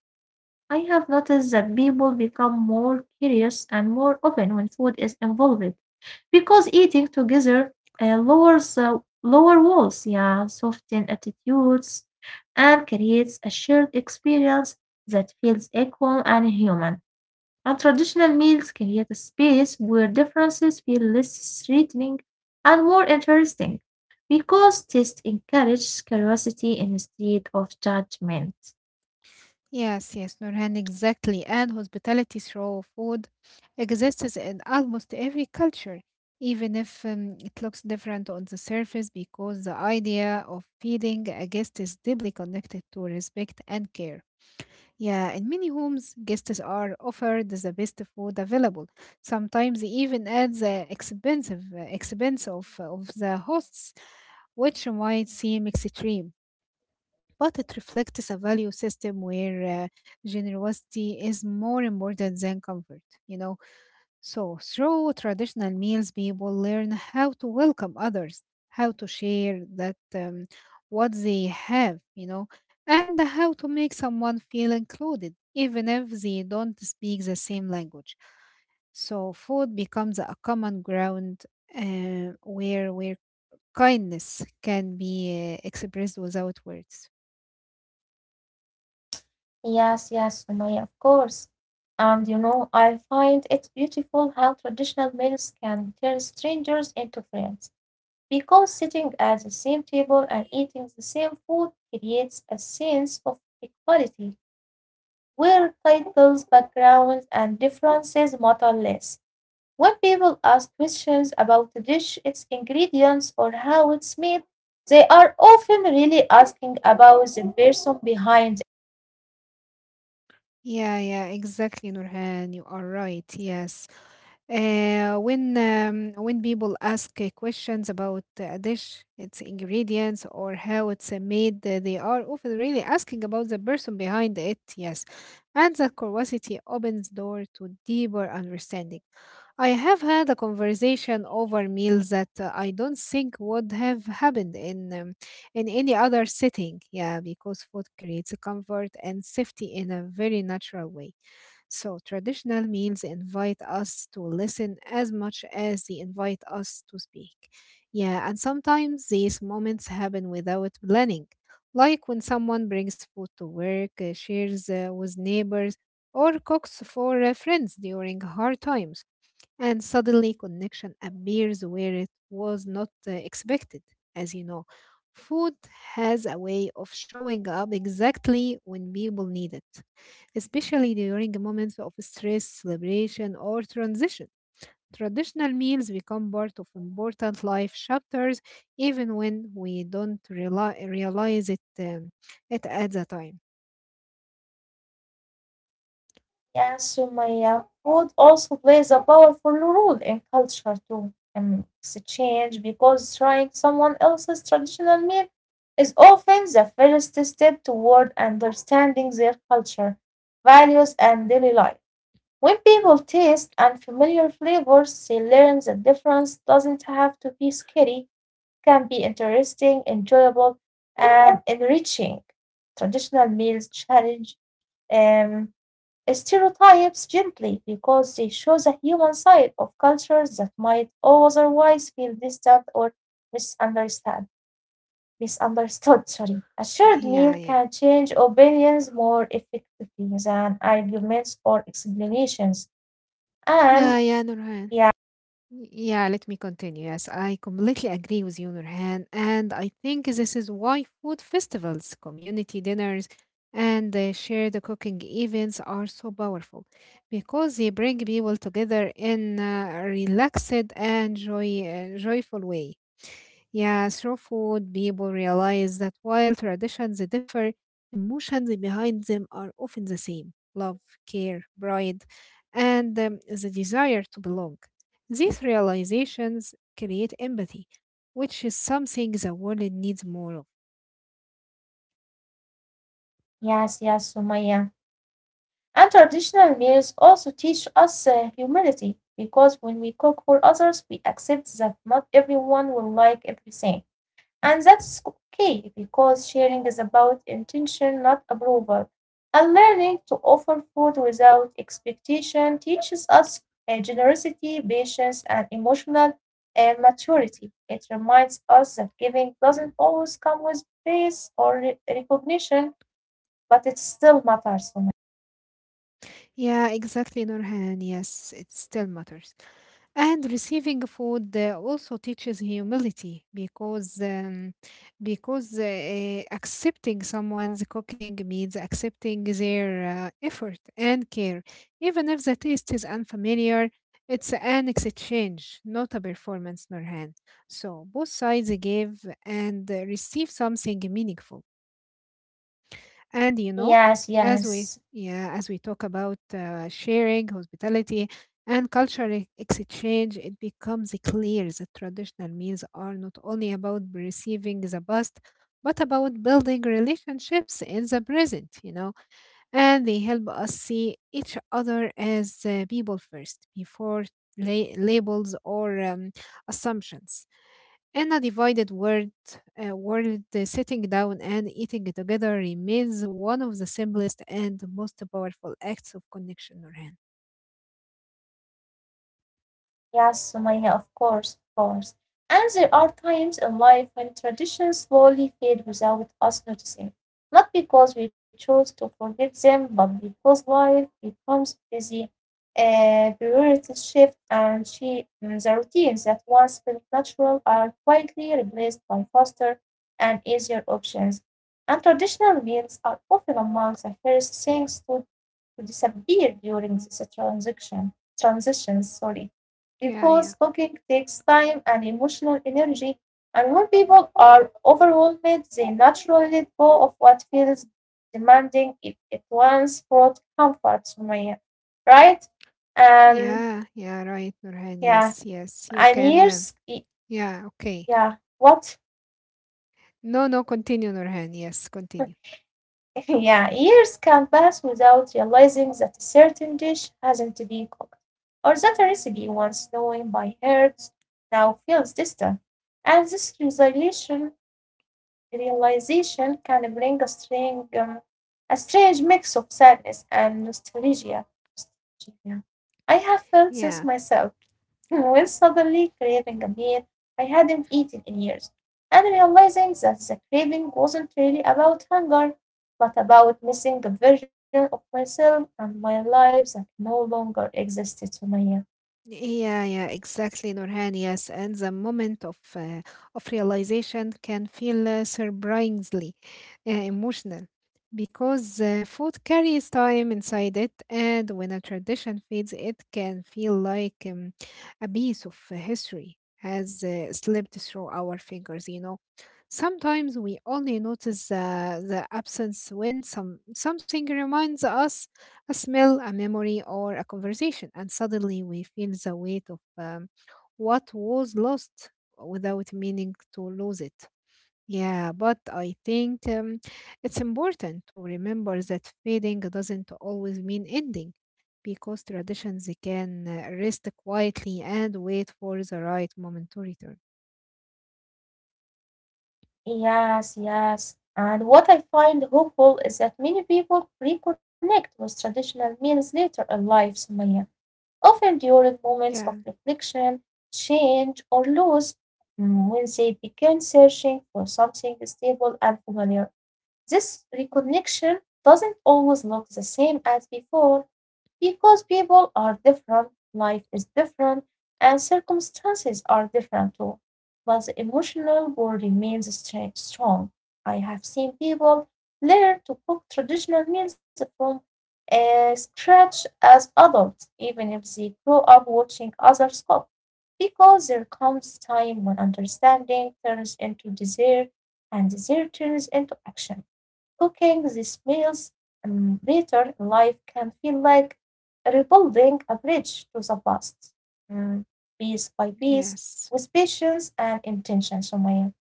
S1: I have noticed that people become more curious and more open when food is involved. Because eating together uh, lowers uh, lower walls, yeah, soften attitudes, and creates a shared experience that feels equal and human. And traditional meals create a space where differences feel less threatening and more interesting, because taste encourages curiosity instead of judgment.
S2: Yes, yes, Nurhan, exactly. And hospitality through food exists in almost every culture, even if um, it looks different on the surface, because the idea of feeding a guest is deeply connected to respect and care. Yeah, in many homes, guests are offered the best food available, sometimes even at the expensive expense of, of the hosts, which might seem extreme, but it reflects a value system where uh, generosity is more important than comfort, you know. So, through traditional meals, people learn how to welcome others, how to share that um, what they have, you know, and how to make someone feel included, even if they don't speak the same language. So, food becomes a common ground uh, where where kindness can be uh, expressed without words.
S1: Yes, yes, Sumaya, of course. And you know, I find it beautiful how traditional meals can turn strangers into friends. Because sitting at the same table and eating the same food creates a sense of equality, where titles, backgrounds, and differences matter less. When people ask questions about a dish, its ingredients, or how it's made, they are often really asking about the person behind.
S2: Yeah, yeah, exactly, Nurhan. You are right. Yes. Uh, when um, when people ask uh, questions about a dish, its ingredients, or how it's uh, made, uh, they are often really asking about the person behind it. Yes, and that curiosity opens door to deeper understanding. I have had a conversation over meals that uh, I don't think would have happened in um, in any other setting. Yeah, because food creates a comfort and safety in a very natural way. So, traditional meals invite us to listen as much as they invite us to speak. Yeah, and sometimes these moments happen without planning, like when someone brings food to work, uh, shares uh, with neighbors, or cooks for uh, friends during hard times, and suddenly connection appears where it was not uh, expected. As you know, food has a way of showing up exactly when people need it, especially during moments of stress, celebration or transition. Traditional meals become part of important life chapters even when we don't reali- realize it um, it at the time.
S1: Yeah, so my uh, food also plays a powerful role in culture too and exchange, because trying someone else's traditional meal is often the first step toward understanding their culture, values, and daily life. When people taste unfamiliar flavors, they learn that difference doesn't have to be scary, can be interesting, enjoyable, and enriching. Traditional meals challenge um, stereotypes gently, because they show the human side of cultures that might otherwise feel distant or misunderstand misunderstood. Sorry. A shared meal
S2: Yeah, yeah,
S1: can change opinions more effectively than arguments or explanations. And
S2: yeah, yeah,
S1: yeah,
S2: Nurhan. Y- Yeah, let me continue. Yes, I completely agree with you, Nurhan. And I think this is why food festivals, community dinners, and uh, shared cooking events are so powerful because they bring people together in a relaxed and joy, uh, joyful way. Yeah, through food, people realize that while traditions differ, emotions behind them are often the same: love, care, pride, and um, the desire to belong. These realizations create empathy, which is something the world needs more of.
S1: yes, yes, Sumaya. And traditional meals also teach us uh, humility, because when we cook for others, we accept that not everyone will like everything. And that's okay, because sharing is about intention, not approval. And learning to offer food without expectation teaches us uh, generosity, patience, and emotional uh, maturity. It reminds us that giving doesn't always come with praise or re- recognition, but it still matters to me.
S2: Yeah, exactly, Nurhan. Yes, it still matters. And receiving food uh, also teaches humility because um, because uh, uh, accepting someone's cooking means accepting their uh, effort and care, even if the taste is unfamiliar. It's an exchange, not a performance, Nurhan. So both sides give and uh, receive something meaningful. And you
S1: Yes,
S2: know, as
S1: yes.
S2: we yeah, as we talk about uh, sharing, hospitality, and cultural e- exchange, it becomes clear that traditional meals are not only about receiving the past, but about building relationships in the present. You know, and they help us see each other as uh, people first, before la- labels or um, assumptions. In a divided world, uh, world uh, sitting down and eating together remains one of the simplest and most powerful acts of connection, Nurhan.
S1: Yes, Sumaya, of course, of course. And there are times in life when traditions slowly fade without us noticing. Not because we chose to forget them, but because life becomes busy, uh, priorities shift, and she, mm, the routines that once felt natural are quietly replaced by faster and easier options. And traditional meals are often among the first things to, to disappear during this transaction, transition. Sorry,
S2: Yeah,
S1: because
S2: yeah,
S1: cooking takes time and emotional energy, and when people are overwhelmed, they naturally let go of what feels demanding if it once brought comfort to me, right? And
S2: yeah, yeah, right, Nurhan.
S1: yeah,
S2: Yes, yes, you
S1: and
S2: can. Uh,
S1: years, y-
S2: yeah, okay.
S1: yeah, what?
S2: No, no, continue, Nurhan. Yes, continue.
S1: *laughs* Yeah, years can pass without realizing that a certain dish hasn't been cooked, or that a recipe once known by heart now feels distant. And this realization realization can bring a strange, um, a strange mix of sadness and nostalgia. nostalgia. I have felt this
S2: Yeah.
S1: myself *laughs* when suddenly craving a meal I hadn't eaten in years, and realizing that the craving wasn't really about hunger, but about missing a version of myself and my life that no longer existed to me.
S2: Yeah, yeah, exactly, Nurhan. Yes, and the moment of uh, of realization can feel uh, surprisingly uh, emotional because uh, food carries time inside it, and when a tradition fades, it can feel like um, a piece of uh, history has uh, slipped through our fingers. You know, sometimes we only notice uh, the absence when some something reminds us a smell, a memory, or a conversation, and suddenly we feel the weight of um, what was lost without meaning to lose it. Yeah, but I think um, it's important to remember that fading doesn't always mean ending because traditions can uh, rest quietly and wait for the right moment to return.
S1: Yes, yes. And what I find hopeful is that many people reconnect with traditional meals later in life, Sumaya, often during moments
S2: Yeah,
S1: of reflection, change, or loss, mm, when they begin searching for something stable and familiar. This reconnection doesn't always look the same as before, because people are different, life is different, and circumstances are different too. But the emotional bond remains stra- strong. I have seen people learn to cook traditional meals from uh, scratch as adults, even if they grow up watching others cook, because there comes time when understanding turns into desire and desire turns into action. Cooking these meals um, later in life can feel like rebuilding a bridge to the past, mm, piece by piece,
S2: yes.
S1: with patience and intention, Sumaya.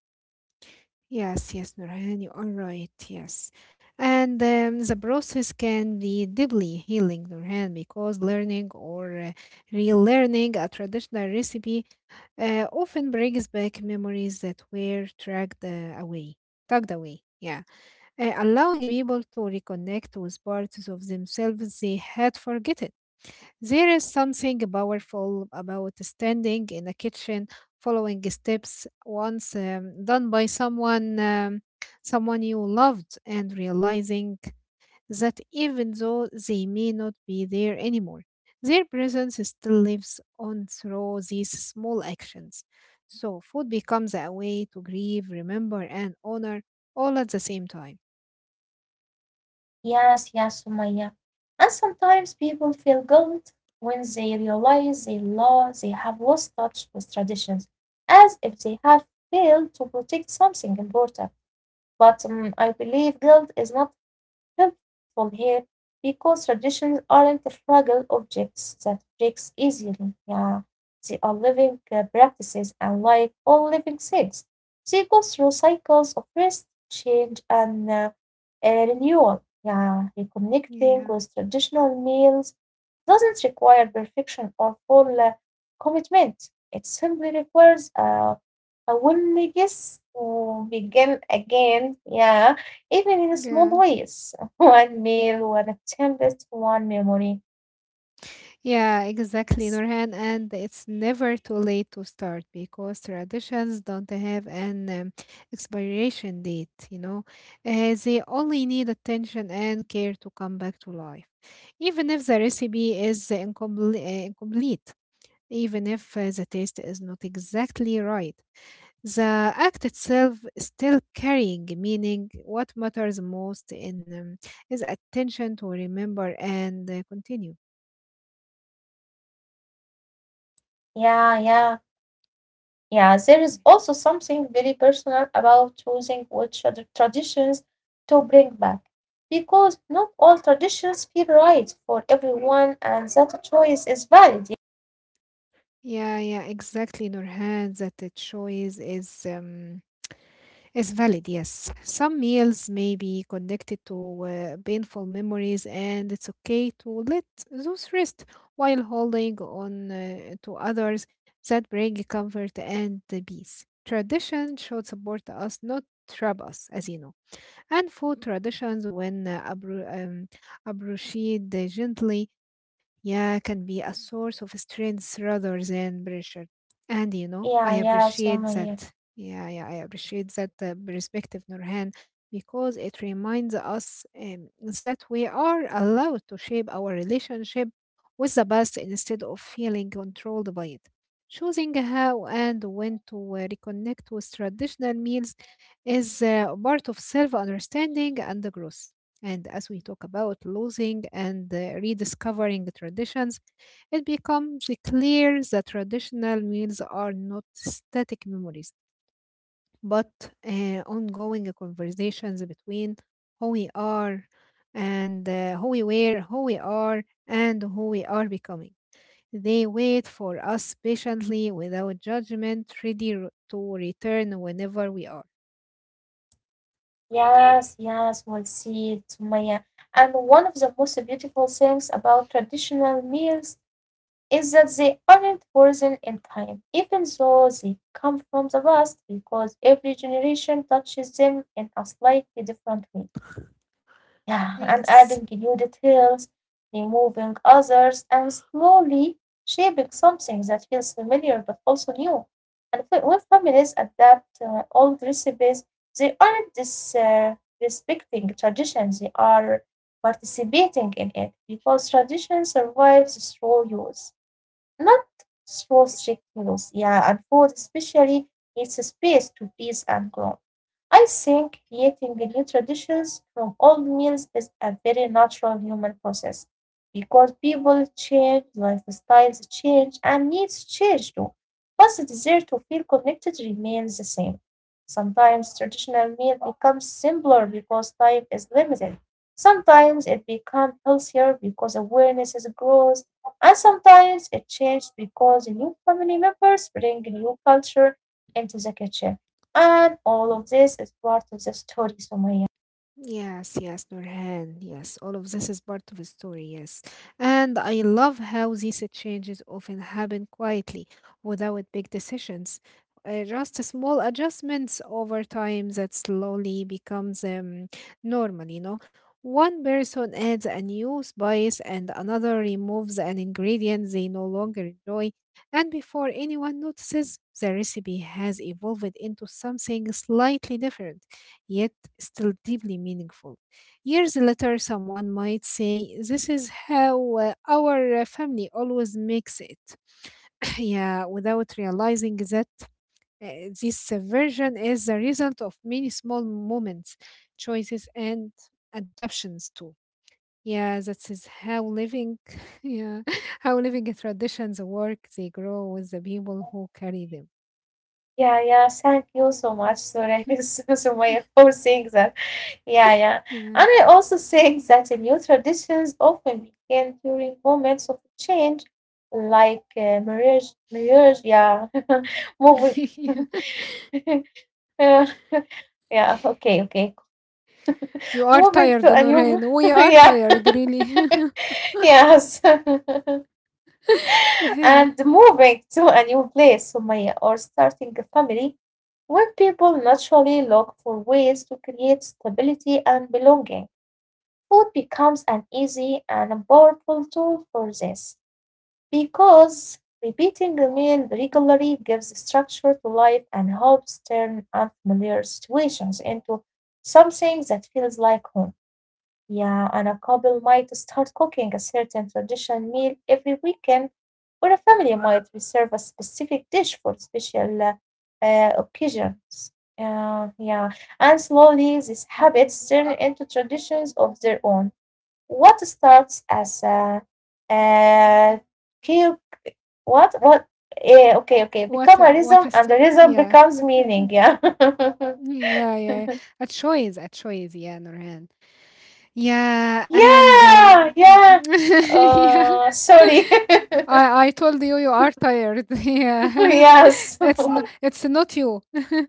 S2: Yes, yes, Nurhan, you are right. Yes. And um, the process can be deeply healing, Nurhan, because learning or uh, relearning a traditional recipe uh, often brings back memories that were dragged uh, away, tugged away. Yeah. Uh, allowing people to reconnect with parts of themselves they had forgotten. There is something powerful about standing in a kitchen, following steps once um, done by someone um, someone you loved, and realizing that even though they may not be there anymore, their presence still lives on through these small actions. So food becomes a way to grieve, remember, and honor all at the same time.
S1: Yes, yes, Sumaya. And sometimes people feel guilt when they realize they, lo- they have lost touch with traditions, as if they have failed to protect something important. But um, I believe guilt is not help from here, because traditions aren't fragile objects that breaks easily, yeah. They are living uh, practices, and like all living things, they go through cycles of rest, change, and uh, uh, renewal. Yeah, reconnecting
S2: Yeah,
S1: with traditional meals doesn't require perfection or full uh, commitment. It simply requires uh, a willingness to begin again, yeah, even in small
S2: yeah,
S1: ways. One meal, one attempt, one memory.
S2: yeah,
S1: S-
S2: exactly, Nurhan. And it's never too late to start because traditions don't have an um, expiration date, you know. Uh, they only need attention and care to come back to life, even if the recipe is incomplete, incomplete, even if uh, the taste is not exactly right. The act itself is still carrying meaning. What matters most in um, is attention to remember and uh, continue.
S1: Yeah, yeah, yeah. There is also something very personal about choosing which other traditions to bring back. Because not all traditions feel right for everyone, and that choice is valid.
S2: Yeah, yeah, exactly, Nurhan. That the choice is um, is valid. Yes, some meals may be connected to uh, painful memories, and it's okay to let those rest while holding on uh, to others that bring comfort and the peace. Tradition should support us, not trap us, as you know. And food traditions, when uh, abru- um, approached gently, yeah, can be a source of strength rather than pressure. And you know, I
S1: Yeah, yeah,
S2: appreciate
S1: Sumaya.
S2: that. Yeah, yeah, I appreciate that uh, perspective, Nurhan, because it reminds us um, that we are allowed to shape our relationship with the past instead of feeling controlled by it. Choosing how and when to uh, reconnect with traditional meals is uh, part of self understanding and growth. And as we talk about losing and uh, rediscovering traditions, it becomes clear that traditional meals are not static memories, but uh, ongoing conversations between who we are and uh, who we were, who we are, and who we are becoming. They wait for us patiently without judgment, ready r- to return whenever we are.
S1: Yes, yes, we'll see it, Sumaya. And one of the most beautiful things about traditional meals is that they aren't frozen in time, even though they come from the past, because every generation touches them in a slightly different way. Yeah, and
S2: Yes.
S1: adding new details, removing others, and slowly shaping something that feels familiar but also new. And whe- when families adapt uh, old recipes, they aren't dis- uh, respecting tradition, they are participating in it, because tradition survives through use. Not through strict rules, yeah, and food especially needs space to breathe and grow. I think creating new traditions from old meals is a very natural human process, because people change, lifestyles change, and needs change too. But the desire to feel connected remains the same. Sometimes traditional meal becomes simpler because time is limited. Sometimes it becomes healthier because awareness is grows, and sometimes it changes because new family members bring new culture into the kitchen. And all of this is part of the story, Sumaya.
S2: Yes, yes, Nurhan. Yes, all of this is part of the story. Yes, and I love how these changes often happen quietly, without big decisions. Uh, just small adjustments over time that slowly becomes um, normal. You know, one person adds a new spice, and another removes an ingredient they no longer enjoy, and before anyone notices, the recipe has evolved into something slightly different. Yet still deeply meaningful. Years later, someone might say, "This is how uh, our uh, family always makes it." *laughs* *clears throat* yeah, without realizing that uh, this uh, version is the result of many small moments, choices, and adaptations too. Yeah, that is how living, *laughs* yeah, how living traditions work. They grow with the people who carry them.
S1: Yeah, yeah. Thank you so much, Surya, *laughs* Sumaya, for saying that. Yeah, yeah.
S2: Yeah.
S1: And I also think that the new traditions often begin during moments of change, like uh, marriage, marriage. Yeah, *laughs* moving. *laughs* Uh, *laughs* yeah. Okay. Okay.
S2: *laughs* You are
S1: Moving
S2: tired,
S1: to a new.
S2: Noreen. We
S1: *laughs*
S2: are
S1: Yeah.
S2: tired, really. *laughs*
S1: Yes. *laughs*
S2: *laughs* Yeah.
S1: And moving to a new place, Sumaya, or starting a family, when people naturally look for ways to create stability and belonging, food becomes an easy and powerful tool for this, because repeating a meal regularly gives structure to life and helps turn unfamiliar situations into something that feels like home. Yeah, and a couple might start cooking a certain traditional meal every weekend, or a family might reserve a specific dish for special uh, uh, occasions. Yeah, yeah. And slowly, these habits turn into traditions of their own. What starts as a uh, cube, what, what, eh, okay, okay, become a
S2: What a
S1: rhythm,
S2: what a
S1: and the
S2: story.
S1: rhythm
S2: Yeah.
S1: becomes meaning.
S2: *laughs*
S1: Yeah.
S2: Yeah, yeah.
S1: *laughs*
S2: A choice, a choice. Yeah, Nurhan. Yeah, and uh,
S1: Yeah, yeah.
S2: *laughs* yeah.
S1: Uh, sorry. *laughs*
S2: I I told you you are tired. *laughs*
S1: *laughs*
S2: Yeah.
S1: Yes.
S2: *laughs*
S1: *laughs*
S2: It's n- it's not you. *laughs*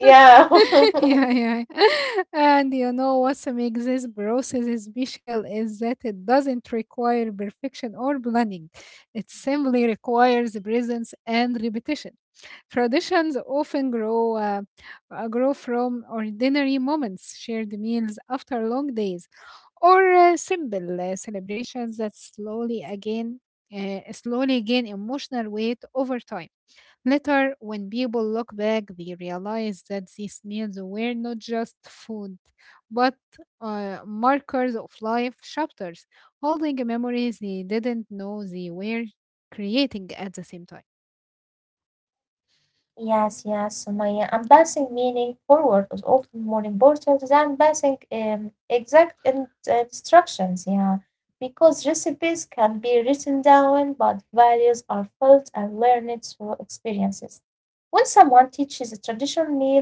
S1: Yeah.
S2: *laughs* yeah,
S1: *laughs*
S2: yeah. *laughs* And you know what makes this process special is that it doesn't require perfection or planning. It simply requires presence and repetition. Traditions often grow uh, uh, grow from ordinary moments, shared meals after long days, or uh, simple uh, celebrations that slowly again uh, slowly gain emotional weight over time. Later, when people look back, they realize that these meals were not just food, but uh, markers of life chapters, holding memories they didn't know they were creating at the same time.
S1: Yes, yes, Sumaya. And passing meaning forward is often more important than passing um, exact in- uh, instructions. Yeah, because recipes can be written down, but values are felt and learned through experiences. When someone teaches a traditional meal,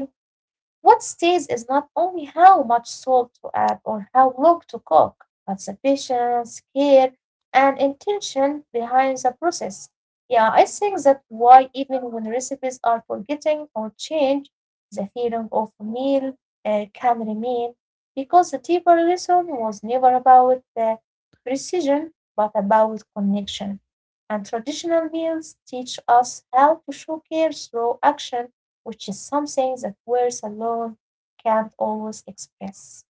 S1: what stays is not only how much salt to add or how long to cook, but the patience, care, and intention behind the process. Yeah, I think that's why even when recipes are forgetting or change, the feeling of a meal uh, can remain, because the deeper lesson was never about the precision but about connection. And traditional meals teach us how to show care through action, which is something that words alone can't always express.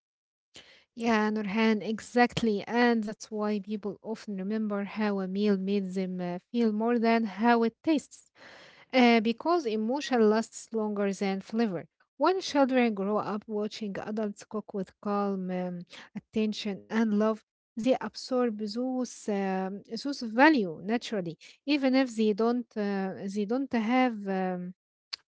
S2: Yeah, Nurhan, exactly. And that's why people often remember how a meal made them uh, feel more than how it tastes. Uh, because emotion lasts longer than flavor. When children grow up watching adults cook with calm um, attention and love, they absorb those, um, those value naturally, even if they don't uh, they don't have um,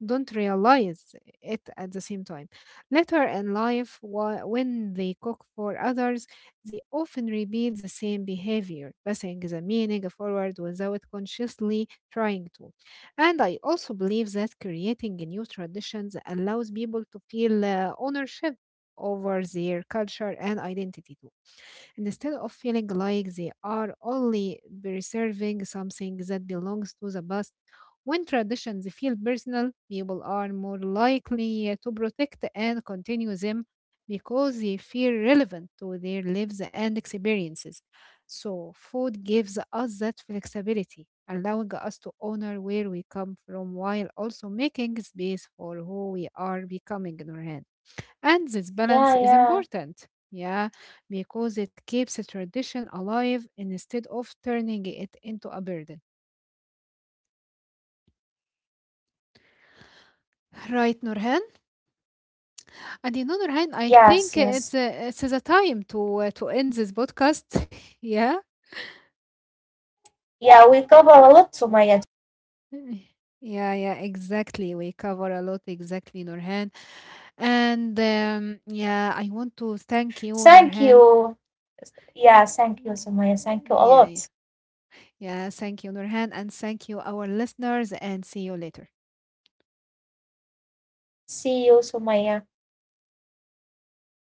S2: don't realize it at the same time. Later in life, wh- when they cook for others, they often repeat the same behavior, passing the meaning forward without consciously trying to. And I also believe that creating new traditions allows people to feel uh, ownership over their culture and identity too instead of feeling like they are only preserving something that belongs to the past. When traditions feel personal, people are more likely to protect and continue them because they feel relevant to their lives and experiences. So, food gives us that flexibility, allowing us to honor where we come from while also making space for who we are becoming in our hands. And this balance is
S1: Yeah, yeah.
S2: important, yeah, because it keeps a tradition alive instead of turning it into a burden. Right, Nurhan. And you know, Nurhan, I think
S1: Yes,
S2: it's
S1: yes.
S2: a, it's a time to uh, to end this podcast. *laughs* yeah.
S1: Yeah, we cover a lot, Sumaya.
S2: Yeah, yeah, exactly. We cover a lot, exactly, Nurhan. And um, yeah, I want to thank you,
S1: Thank
S2: Nurhan.
S1: you. Yeah,
S2: Y-
S1: thank you,
S2: y-
S1: Sumaya. Thank you a
S2: Yeah, yeah,
S1: lot.
S2: yeah. Thank you, Nurhan, and thank you, our listeners, and see you later.
S1: See you, Sumaya.